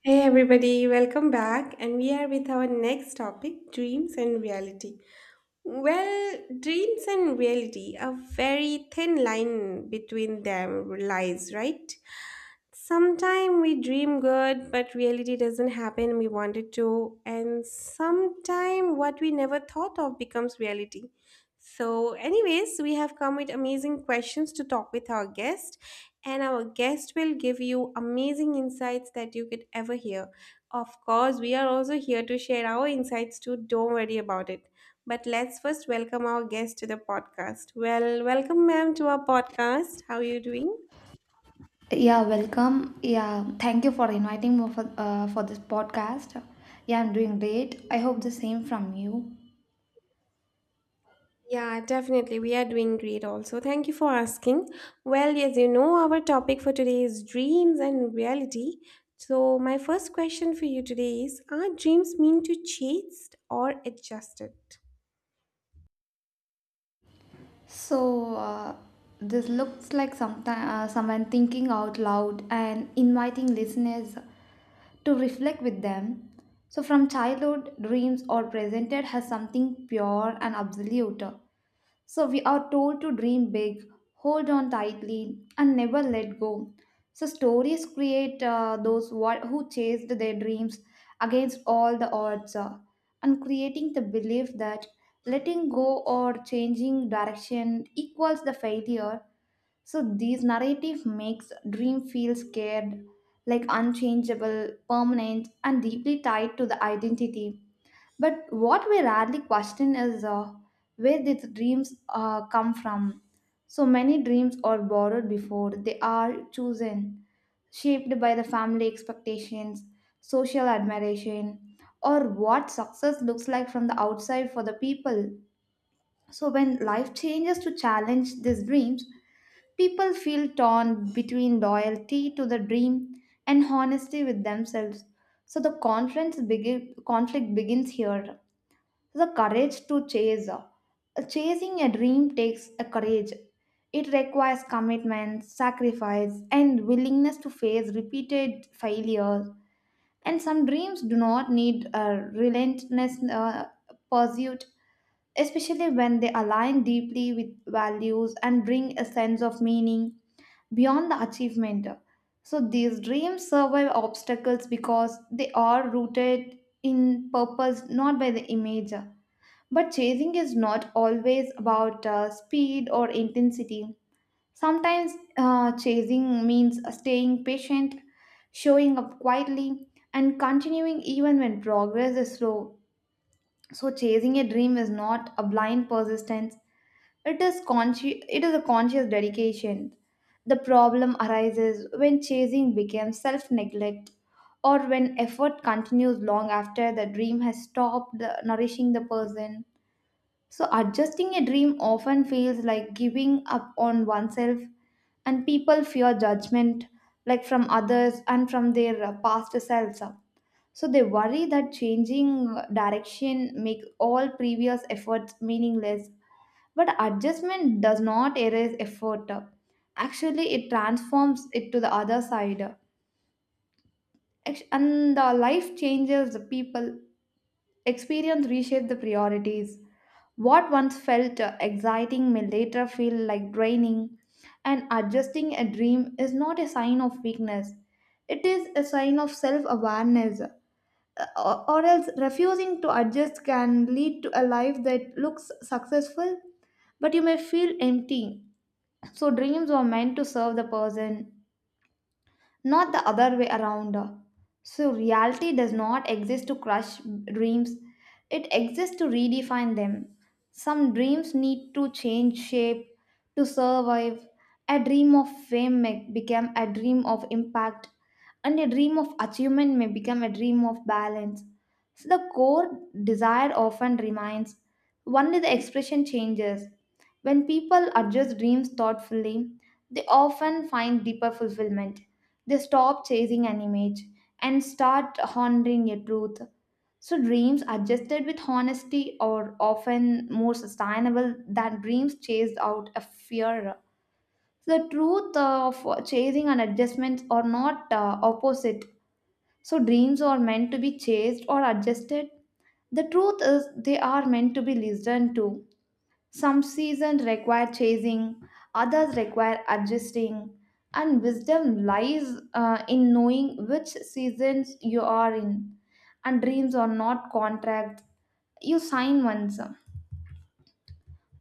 Hey everybody, welcome back. And we are with our next topic, dreams and reality. Well, dreams and reality, a very thin line between them lies, right? Sometimes we dream good, but reality doesn't happen we wanted to. And sometimes what we never thought of becomes reality. So, anyways, we have come with amazing questions to talk with our guest, and our guest will give you amazing insights that you could ever hear. Of course, we are also here to share our insights too. Don't worry about it. But let's first welcome our guest to the podcast. Well, welcome, ma'am, to our podcast. How are you doing? Yeah, welcome. Yeah, thank you for inviting me for this podcast. Yeah, I'm doing great. I hope the same from you. Yeah, definitely. We are doing great also. Thank you for asking. Well, as you know, our topic for today is dreams and reality. So, my first question for you today is, are dreams mean to chased or adjusted? So, uh, this looks like sometime, someone thinking out loud and inviting listeners to reflect with them. So from childhood, dreams are presented as something pure and absolute. So we are told to dream big, hold on tightly, and never let go. So stories create those wha- who chased their dreams against all the odds, and creating the belief that letting go or changing direction equals the failure. So these narrative makes dream feel scared, like unchangeable, permanent, and deeply tied to the identity. But what we rarely question is where these dreams come from. So many dreams are borrowed before they are chosen, shaped by the family expectations, social admiration, or what success looks like from the outside for the people. So when life changes to challenge these dreams, people feel torn between loyalty to the dream and honesty with themselves. So the conflict begins here the courage to chase. Chasing a dream takes a courage. It requires commitment, sacrifice, and willingness to face repeated failures. And some dreams do not need a relentless pursuit, especially when they align deeply with values and bring a sense of meaning beyond the achievement. So these dreams survive obstacles because they are rooted in purpose, not by the image. But chasing is not always about speed or intensity. Sometimes chasing means staying patient, showing up quietly, and continuing even when progress is slow. So chasing a dream is not a blind persistence. It is a conscious dedication. The problem arises when chasing becomes self-neglect or when effort continues long after the dream has stopped nourishing the person. So adjusting a dream often feels like giving up on oneself, and people fear judgment, like from others and from their past selves. So they worry that changing direction makes all previous efforts meaningless. But adjustment does not erase effort. Actually, it transforms it to the other side. And the life changes the people. Experience reshape the priorities. What once felt exciting may later feel like draining, and adjusting a dream is not a sign of weakness. It is a sign of self awareness, or else refusing to adjust can lead to a life that looks successful, but you may feel empty. So dreams were meant to serve the person, not the other way around. So reality does not exist to crush dreams, it exists to redefine them. Some dreams need to change shape to survive. A dream of fame may become a dream of impact, and a dream of achievement may become a dream of balance. So the core desire often remains, only the expression changes. When people adjust dreams thoughtfully, they often find deeper fulfillment. They stop chasing an image and start honoring a truth. So dreams adjusted with honesty are often more sustainable than dreams chased out of fear. So the truth of chasing and adjustments are not opposite. So dreams are meant to be chased or adjusted. The truth is, they are meant to be listened to. Some seasons require chasing, others require adjusting, and wisdom lies in knowing which seasons you are in. And dreams are not contracts you sign once,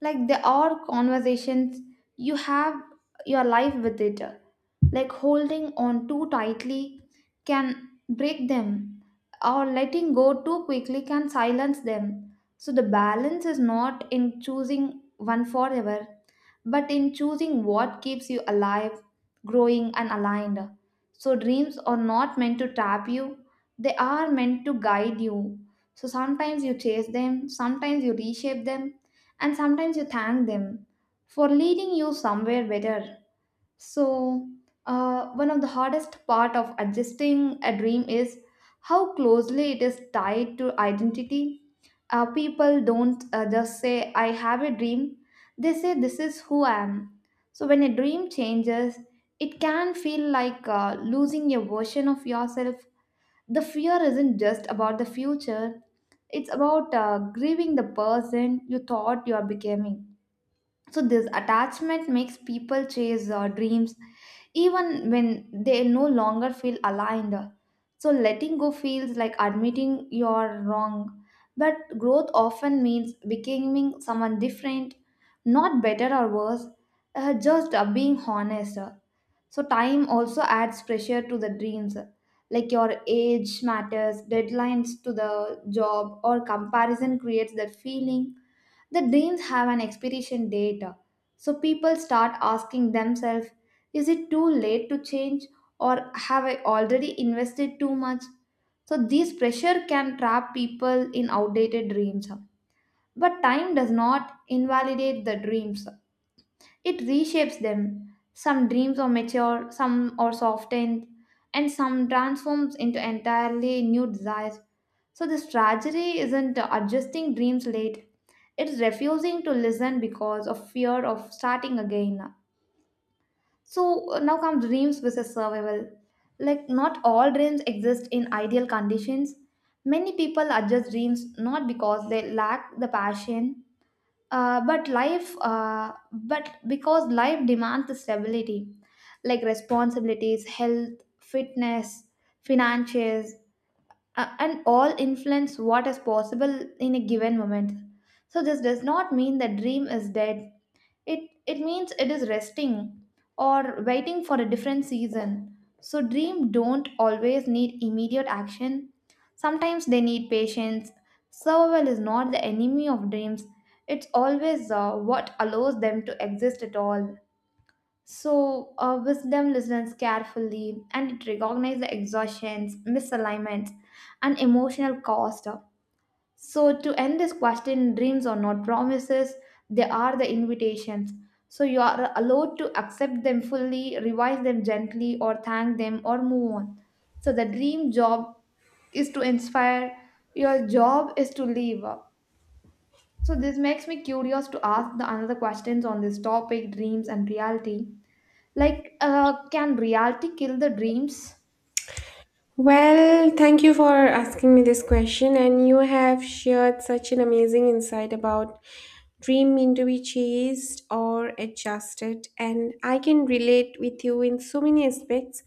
like there are conversations you have your life with it. Like holding on too tightly can break them, or letting go too quickly can silence them. So the balance is not in choosing one forever, but in choosing what keeps you alive, growing, and aligned. So dreams are not meant to trap you, they are meant to guide you. So sometimes you chase them, sometimes you reshape them, and sometimes you thank them for leading you somewhere better. So one of the hardest part of adjusting a dream is how closely it is tied to identity. People don't just say I have a dream, they say this is who I am. So when a dream changes, it can feel like losing a version of yourself. The fear isn't just about the future, it's about grieving the person you thought you are becoming. So this attachment makes people chase dreams even when they no longer feel aligned. So letting go feels like admitting you're wrong, but growth often means becoming someone different, not better or worse, just being honest. So time also adds pressure to the dreams. Like your age matters, deadlines to the job or comparison creates that feeling. The dreams have an expiration date. So people start asking themselves, is it too late to change, or have I already invested too much? So this pressure can trap people in outdated dreams. But time does not invalidate the dreams. It reshapes them. Some dreams are mature, some are softened, and some transforms into entirely new desires. So the strategy isn't adjusting dreams late. It's refusing to listen because of fear of starting again. So now comes dreams versus survival. Like not all dreams exist in ideal conditions. Many people adjust dreams not because they lack the passion but because life demands the stability, like responsibilities, health, fitness, finances, and all influence what is possible in a given moment. So this does not mean the dream is dead. It it means it is resting or waiting for a different season. So dream don't always need immediate action. Sometimes they need patience. Survival is not the enemy of dreams. It's always what allows them to exist at all. So wisdom listens carefully and it recognizes the exhaustions, misalignments, and emotional cost. So to end this question, dreams are not promises, they are the invitations. So you are allowed to accept them fully, revise them gently, or thank them, or move on. So the dream job is to inspire, your job is to live. So this makes me curious to ask the another questions on this topic dreams and reality. Like, can reality kill the dreams? Well, thank you for asking me this question, and you have shared such an amazing insight about dream mean to be chased or adjusted, and I can relate with you in so many aspects.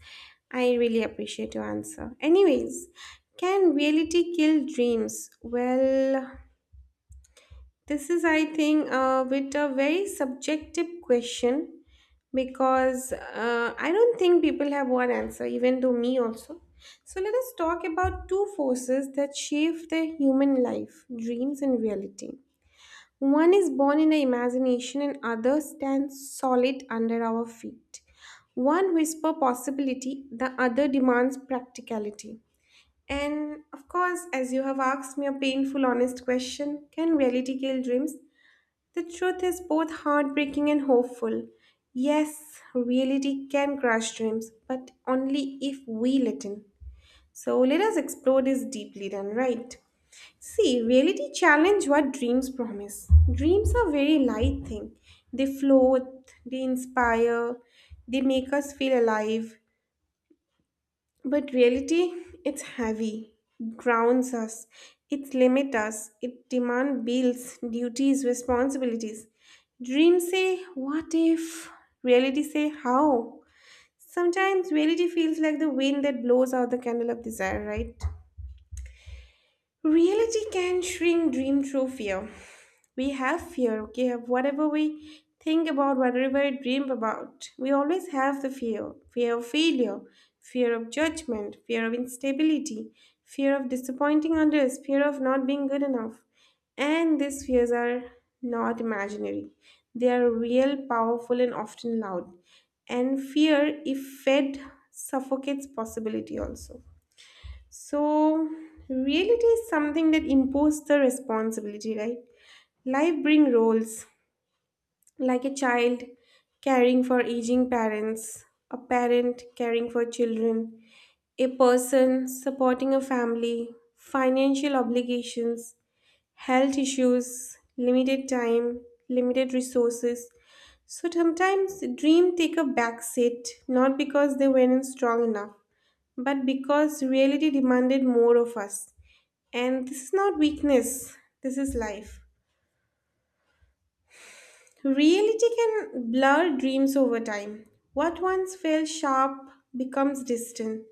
I really appreciate your answer. Anyways, can reality kill dreams? Well, this is, I think, a bit a very subjective question because I don't think people have one answer, even to me also. So let us talk about two forces that shape the human life, dreams and reality. One is born in the imagination and other stands solid under our feet. One whisper possibility, the other demands practicality. And of course, as you have asked me a painful, honest question, can reality kill dreams? The truth is both heartbreaking and hopeful. Yes, reality can crush dreams, but only if we let in. So let us explore this deeply then, right? See, reality challenge what dreams promise. Dreams are very light thing. They float, they inspire, they make us feel alive. But reality, it's heavy, grounds us, it limits us, it demands bills, duties, responsibilities. Dreams say, what if? Reality say, how? Sometimes reality feels like the wind that blows out the candle of desire, right? Reality can shrink dream through fear. We have fear, okay? Of whatever we think about, whatever we dream about, we always have the fear of failure, fear of judgment, fear of instability, fear of disappointing others, fear of not being good enough. And these fears are not imaginary, they are real, powerful, and often loud. And fear, if fed, suffocates possibility also. So, reality is something that imposes the responsibility, right? Life brings roles, like a child caring for aging parents, a parent caring for children, a person supporting a family, financial obligations, health issues, limited time, limited resources. So sometimes dreams take a back seat, not because they weren't strong enough, but because reality demanded more of us. And this is not weakness, this is life. Reality can blur dreams over time. What once felt sharp becomes distant.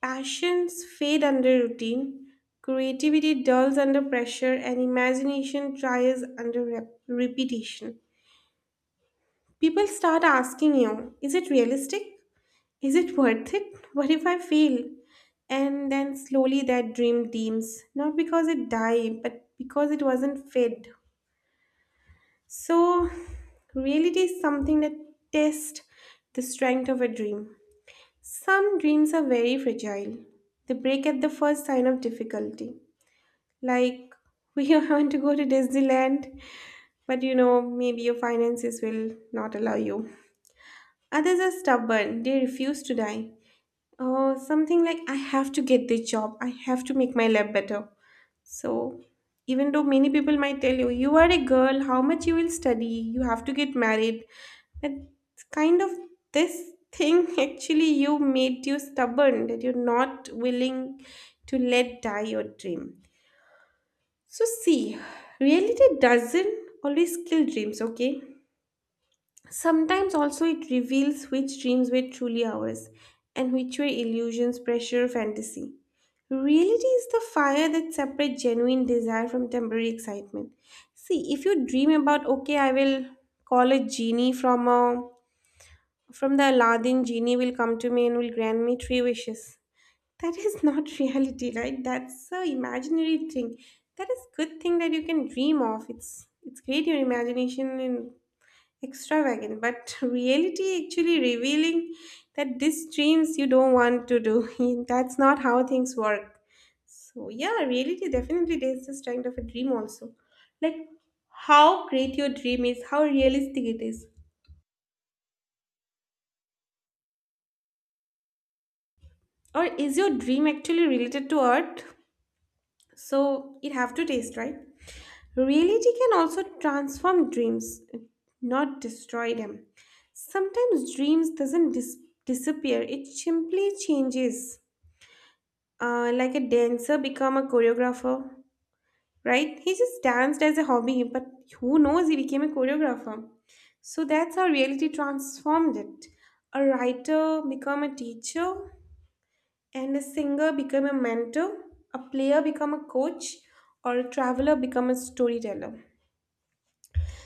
Passions fade under routine. Creativity dulls under pressure, and imagination tries under repetition. People start asking you, is it realistic? Is it worth it? What if I fail? And then slowly that dream dims, not because it died, but because it wasn't fed. So, reality is something that tests the strength of a dream. Some dreams are very fragile. They break at the first sign of difficulty. Like, we want to go to Disneyland, but you know, maybe your finances will not allow you. Others are stubborn, they refuse to die. Or something like, I have to get this job, I have to make my lab better. So, even though many people might tell you, you are a girl, how much you will study, you have to get married, but kind of this thing actually you made you stubborn that you're not willing to let die your dream. So, see, reality doesn't always kill dreams, okay? Sometimes also it reveals which dreams were truly ours and which were illusions, pressure, or fantasy. Reality is the fire that separates genuine desire from temporary excitement. See, if you dream about, okay, I will call a genie from a from the Aladdin genie will come to me and will grant me three wishes. That is not reality, right? That's a imaginary thing. That is good thing that you can dream of. It's great your imagination and extravagant, but reality actually revealing that these dreams you don't want to do, that's not how things work. So yeah, reality definitely there's this kind of a dream also, like how great your dream is, how realistic it is, or is your dream actually related to art? So it have to taste right. Reality can also transform dreams, not destroy them. Sometimes dreams doesn't dis- disappear, it simply changes. Like a dancer become a choreographer, right? He just danced as a hobby, but who knows he became a choreographer. So that's how reality transformed it. A writer become a teacher, and a singer become a mentor, a player become a coach, or a traveler become a storyteller.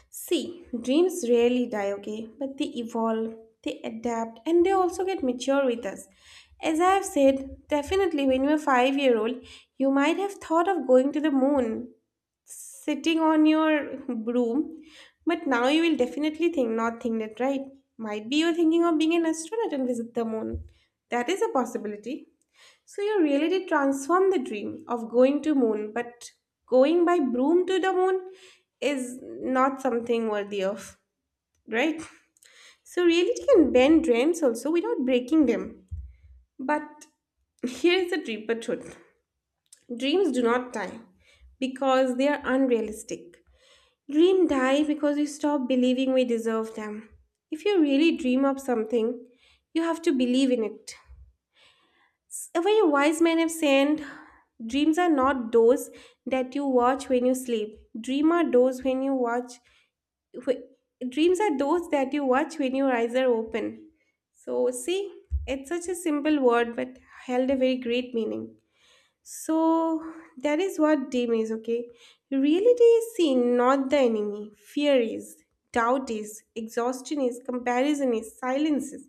See, dreams rarely die, okay? But they evolve, they adapt, and they also get mature with us. As I have said, definitely when you were 5-year old, you might have thought of going to the moon, sitting on your broom, but now you will definitely think, not think that, right? Might be you're thinking of being an astronaut and visit the moon. That is a possibility. So you really did transform the dream of going to moon, but going by broom to the moon is not something worthy of, right? So reality can bend dreams also without breaking them. But here is the deeper truth. Dreams do not die because they are unrealistic. Dream die because we stop believing we deserve them. If you really dream of something, you have to believe in it. A very wise man have said, dreams are not those that you watch when you sleep. Dream are those when you wh- Dreams are those that you watch when your eyes are open. So see, it's such a simple word but held a very great meaning. So that is what dream is. Okay, reality is seen, not the enemy. Fear is, doubt is, exhaustion is, comparison is, silence is.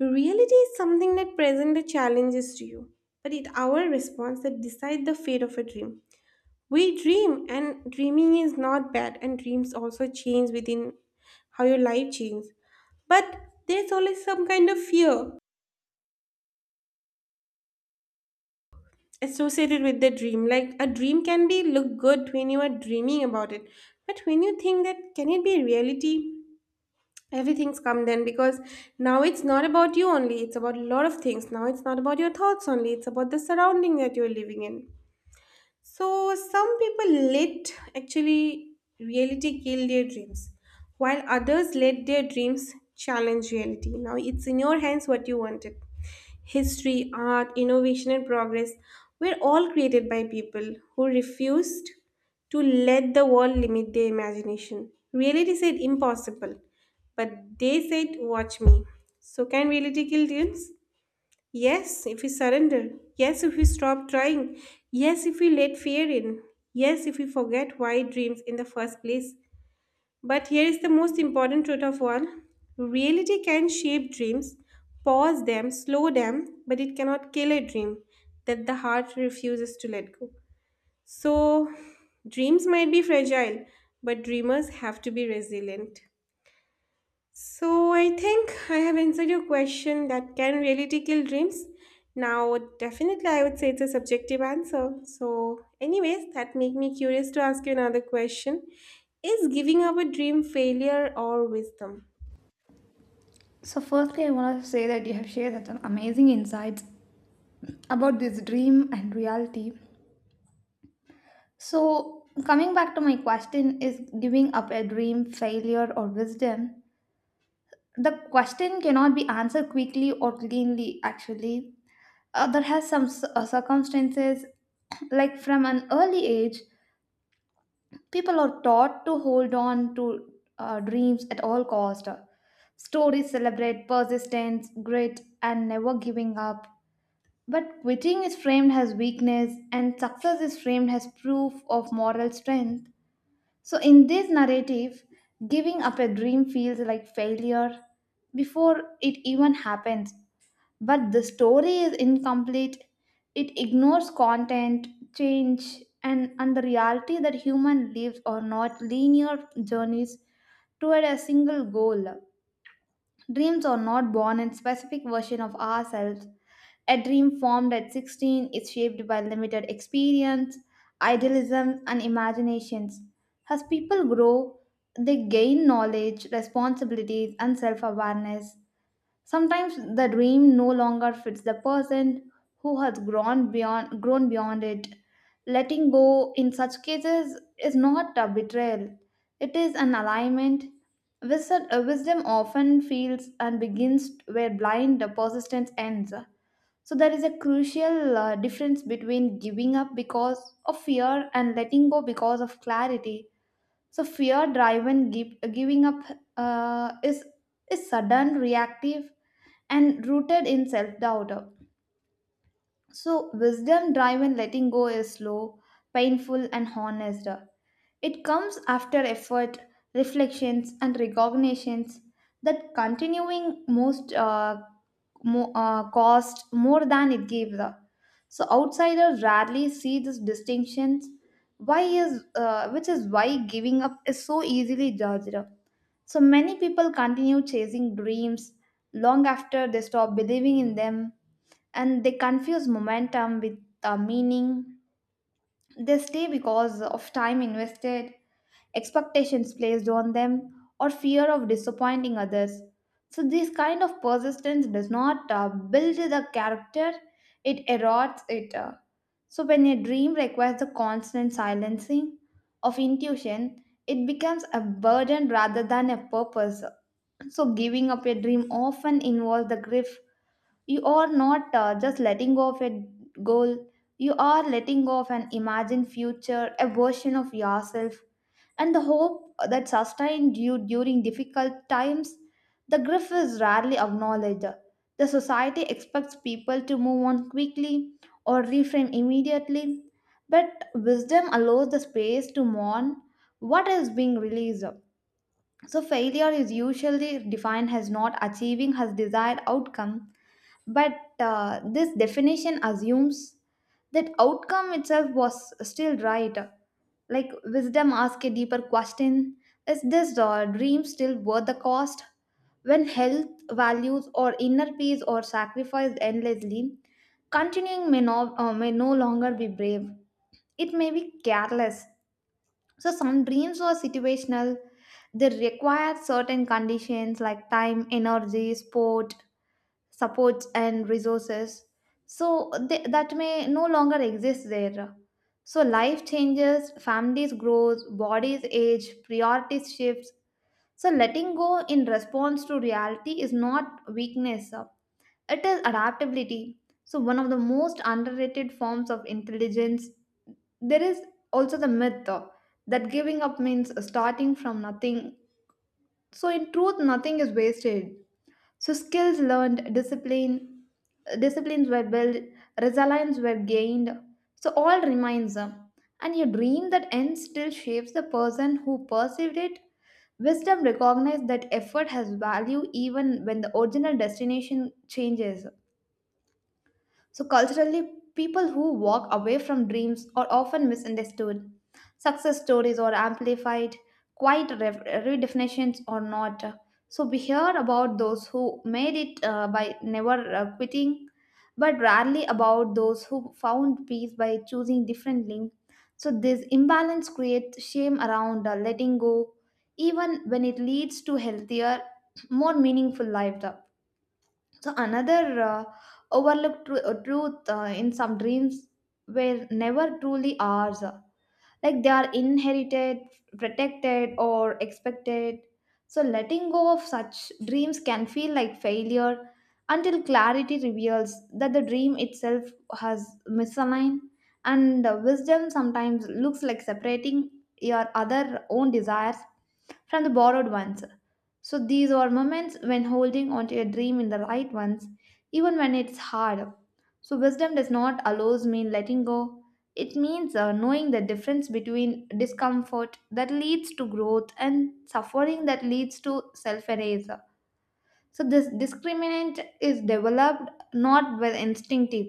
Reality is something that presents the challenges to you, but it's our response that decides the fate of a dream. We dream, and dreaming is not bad, and dreams also change within how your life changes. But there's always some kind of fear associated with the dream. Like a dream can be look good when you are dreaming about it, but when you think that can it be reality? Everything's come then because now it's not about you only, it's about a lot of things. Now it's not about your thoughts only, it's about the surrounding that you're living in. So some people let actually reality kill their dreams, while others let their dreams challenge reality. Now it's in your hands what you wanted. History, art, innovation, and progress were all created by people who refused to let the world limit their imagination. Reality said impossible, but they said, watch me. So, can reality kill dreams? Yes, if we surrender. Yes, if we stop trying. Yes, if we let fear in. Yes, if we forget why dreams in the first place. But here is the most important truth of all, reality can shape dreams, pause them, slow them, but it cannot kill a dream that the heart refuses to let go. So, dreams might be fragile, but dreamers have to be resilient. So I think I have answered your question that can reality kill dreams? Now, definitely, I would say it's a subjective answer. So, anyways, that make me curious to ask you another question: is giving up a dream failure or wisdom? So firstly, I want to say that you have shared such an amazing insights about this dream and reality. So coming back to my question, is giving up a dream failure or wisdom? The question cannot be answered quickly or cleanly, actually. There has some circumstances, like from an early age, people are taught to hold on to dreams at all cost. Stories celebrate persistence, grit, and never giving up, but quitting is framed as weakness and success is framed as proof of moral strength. So in this narrative, giving up a dream feels like failure before it even happens, but the story is incomplete. It ignores content, change, and the reality that human lives are not linear journeys toward a single goal. Dreams are not born in specific version of ourselves. A dream formed at 16 is shaped by limited experience, idealism, and imaginations. As people grow, they gain knowledge, responsibilities, and self awareness. Sometimes the dream no longer fits the person who has grown beyond it. Letting go in such cases is not a betrayal, it is an alignment. Wisdom often feels and begins where blind persistence ends. So there is a crucial difference between giving up because of fear and letting go because of clarity. So fear driven giving up uh, is is sudden, reactive, and rooted in self doubt. So wisdom driven letting go is slow, painful, and honest. It comes after effort, reflections, and recognitions that continuing cost more than it gives. So outsiders rarely see these distinctions. Why is Which is why giving up is so easily judged. So many people continue chasing dreams long after they stop believing in them, and they confuse momentum with meaning. They stay because of time invested, expectations placed on them, or fear of disappointing others. So this kind of persistence does not build the character, it erodes it. So when a dream requires the constant silencing of intuition, it becomes a burden rather than a purpose. So giving up a dream often involves the grief. You are not just letting go of a goal, you are letting go of an imagined future, a version of yourself, and the hope that sustained you during difficult times. The grief is rarely acknowledged. The society expects people to move on quickly or reframe immediately, but wisdom allows the space to mourn what is being released. So failure is usually defined as not achieving his desired outcome, but this definition assumes that outcome itself was still right. Like wisdom asks a deeper question. Is this dream still worth the cost? When health, values, or inner peace are sacrificed endlessly, continuing may no longer be brave. It may be careless. So some dreams are situational. They require certain conditions like time, energy, sport, supports, and resources. So they, that may no longer exist there. So life changes, families grow, bodies age, priorities shifts. So letting go in response to reality is not weakness. It is adaptability. So one of the most underrated forms of intelligence there is. Also the myth though, that giving up means starting from nothing. So in truth, nothing is wasted. So skills learned, disciplines were built, resilience were gained. So all remains. And your dream that ends still shapes the person who perceived it. Wisdom recognizes that effort has value even when the original destination changes. So culturally, people who walk away from dreams are often misunderstood. Success stories are amplified, quite redefinitions or not. So we hear about those who made it by never quitting, but rarely about those who found peace by choosing differently. So this imbalance creates shame around letting go, even when it leads to healthier, more meaningful life. So another overlooked truth, in some dreams were never truly ours, like they are inherited, protected, or expected. So letting go of such dreams can feel like failure until clarity reveals that the dream itself has misaligned, and wisdom sometimes looks like separating your other own desires from the borrowed ones. So these are moments when holding onto your dream in the right ones, even when it's hard. So wisdom does not allows me letting go, it means knowing the difference between discomfort that leads to growth and suffering that leads to self erasure. So this discriminant is developed not by instinctive.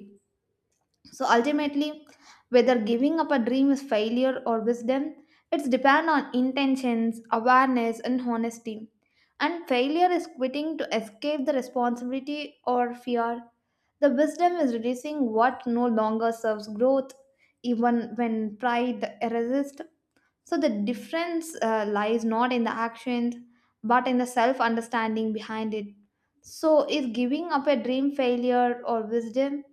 So ultimately, whether giving up a dream is failure or wisdom, it's depend on intentions, awareness, and honesty. And failure is quitting to escape the responsibility or fear. The wisdom is reducing what no longer serves growth, even when pride resists. So the difference lies not in the actions, but in the self understanding behind it. So is giving up a dream failure or wisdom?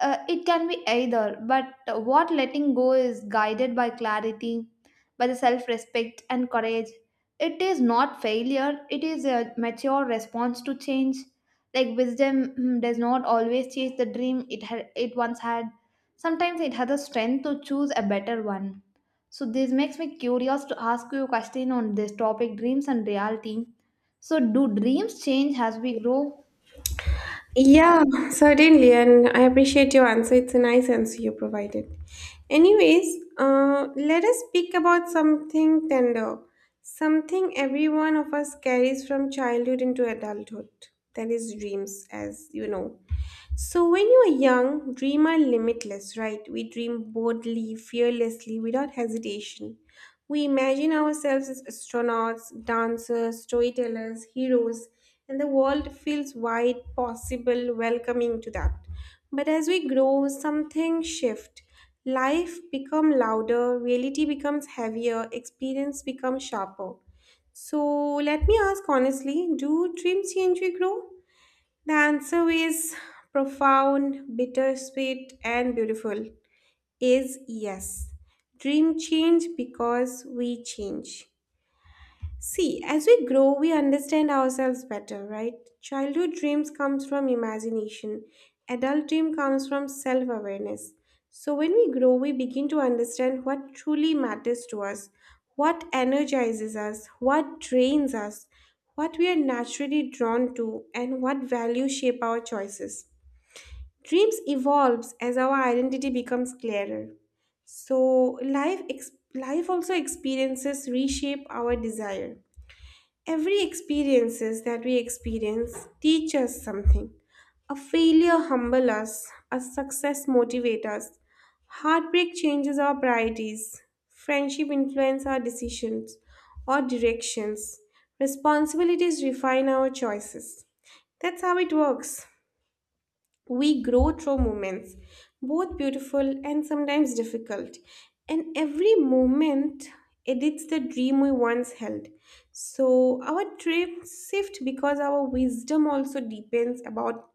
It can be either, but what letting go is guided by clarity, by the self respect and courage. It is not failure, it is a mature response to change. Like wisdom does not always chase the dream it once had, sometimes it has the strength to choose a better one. So this makes me curious to ask you a question on this topic dreams and reality. So do dreams change as we grow? Yeah, certainly, and I appreciate your answer. It's a nice answer you provided. Anyways, let us speak about something tender, something every one of us carries from childhood into adulthood. That is dreams, as you know. So, when you are young, dream are limitless, right? We dream boldly, fearlessly, without hesitation. We imagine ourselves as astronauts, dancers, storytellers, heroes, and the world feels wide, possible, welcoming to that. But as we grow, something shifts. Life becomes louder, reality becomes heavier, experience becomes sharper. So, let me ask honestly, do dreams change we grow? The answer is profound, bittersweet, and beautiful. Is yes. Dream change because we change. See, as we grow, we understand ourselves better, right? Childhood dreams comes from imagination. Adult dream comes from self-awareness. So when we grow, we begin to understand what truly matters to us, what energizes us, what drains us, what we are naturally drawn to, and what values shape our choices. Dreams evolves as our identity becomes clearer. So life also experiences reshape our desire. Every experiences that we experience teach us something. A failure humble us, a success motivate us. Heartbreak changes our priorities. Friendship influence our decisions or directions. Responsibilities refine our choices. That's how it works. We grow through moments, both beautiful and sometimes difficult. And every moment edits the dream we once held. So our dreams shift because our wisdom also deepens about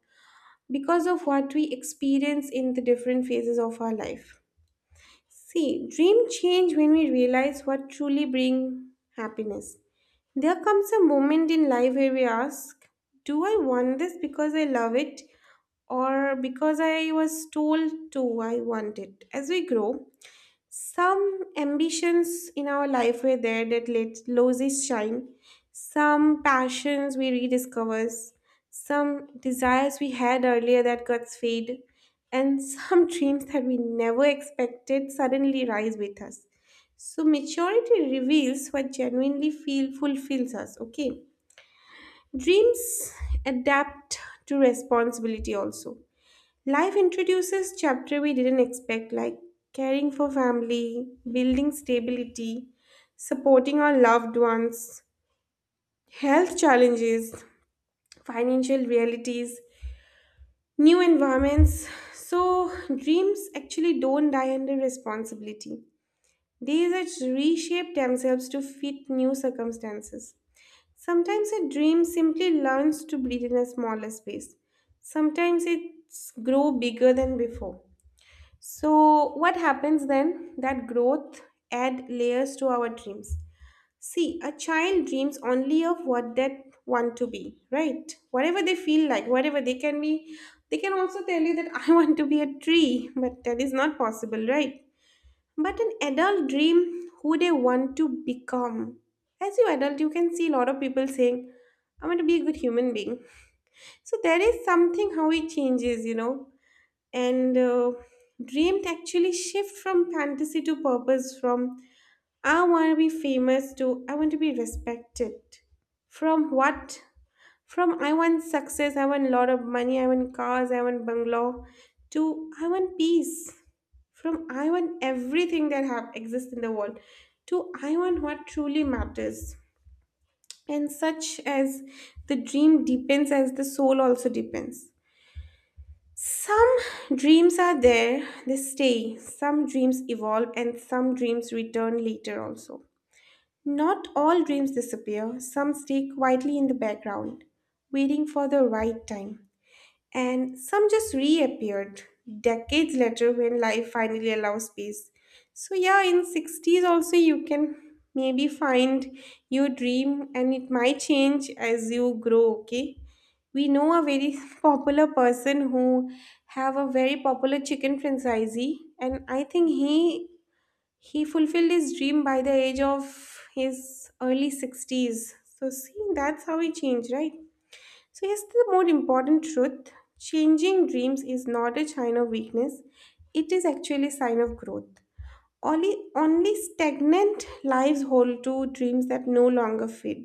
because of what we experience in the different phases of our life. See, dream change when we realize what truly bring happiness. There comes a moment in life where we ask, do I want this because I love it or because I was told to, I want it. As we grow, some ambitions in our life were there that let loses shine, some passions we rediscover, some desires we had earlier that got fade, and some dreams that we never expected suddenly rise with us. So maturity reveals what genuinely feel fulfills us. Okay, dreams adapt to responsibility also. Life introduces chapter we didn't expect, like caring for family, building stability, supporting our loved ones, health challenges, financial realities, new environments. So dreams actually don't die under responsibility. They just reshape themselves to fit new circumstances. Sometimes a dream simply learns to breathe in a smaller space. Sometimes it's grow bigger than before. So, what happens then? That growth add layers to our dreams. See, a child dreams only of what they want to be, right? Whatever they feel like, whatever they can be. They can also tell you that I want to be a tree, but that is not possible, right? But an adult dream who they want to become. As you adult, you can see a lot of people saying, I want to be a good human being. So there is something how it changes, you know and dreamed actually shift from fantasy to purpose, from I want to be famous to I want to be respected, from what, from I want success, I want a lot of money, I want cars, I want bungalow, to I want peace, from I want everything that have exists in the world to I want what truly matters. And such as, the dream deepens as the soul also deepens. Some dreams are there, they stay. Some dreams evolve, and some dreams return later also. Not all dreams disappear, some stay quietly in the background, waiting for the right time, and some just reappeared decades later when life finally allows space. So yeah, in 60s also you can maybe find your dream, and it might change as you grow. Okay, we know a very popular person who have a very popular chicken franchisee, and I think he fulfilled his dream by the age of his early 60s. So see, that's how he changed, right? So here's the more important truth. Changing dreams is not a sign of weakness. It is actually a sign of growth. Only stagnant lives hold to dreams that no longer fit.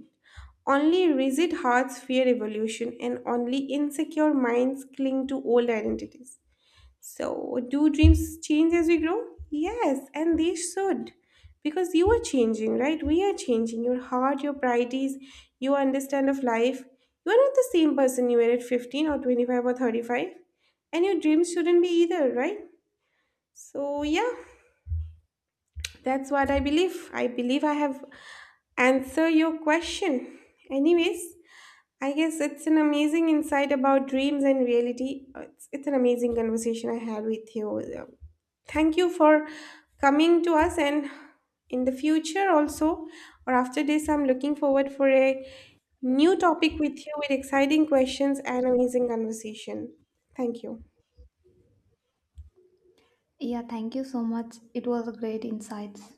Only rigid hearts fear evolution, and only insecure minds cling to old identities. So, do dreams change as we grow? Yes, and they should. Because you are changing, right? We are changing. Your heart, your priorities, your understand of life. You are not the same person you were at 15 or 25 or 35. And your dreams shouldn't be either, right? So, yeah, that's what I believe. I believe I have answered your question. Anyways, I guess it's an amazing insight about dreams and reality. It's an amazing conversation I had with you. Thank you for coming to us, and in the future also, or after this, I'm looking forward for a new topic with you, with exciting questions and amazing conversation. Thank you. Yeah, thank you so much. It was a great insights.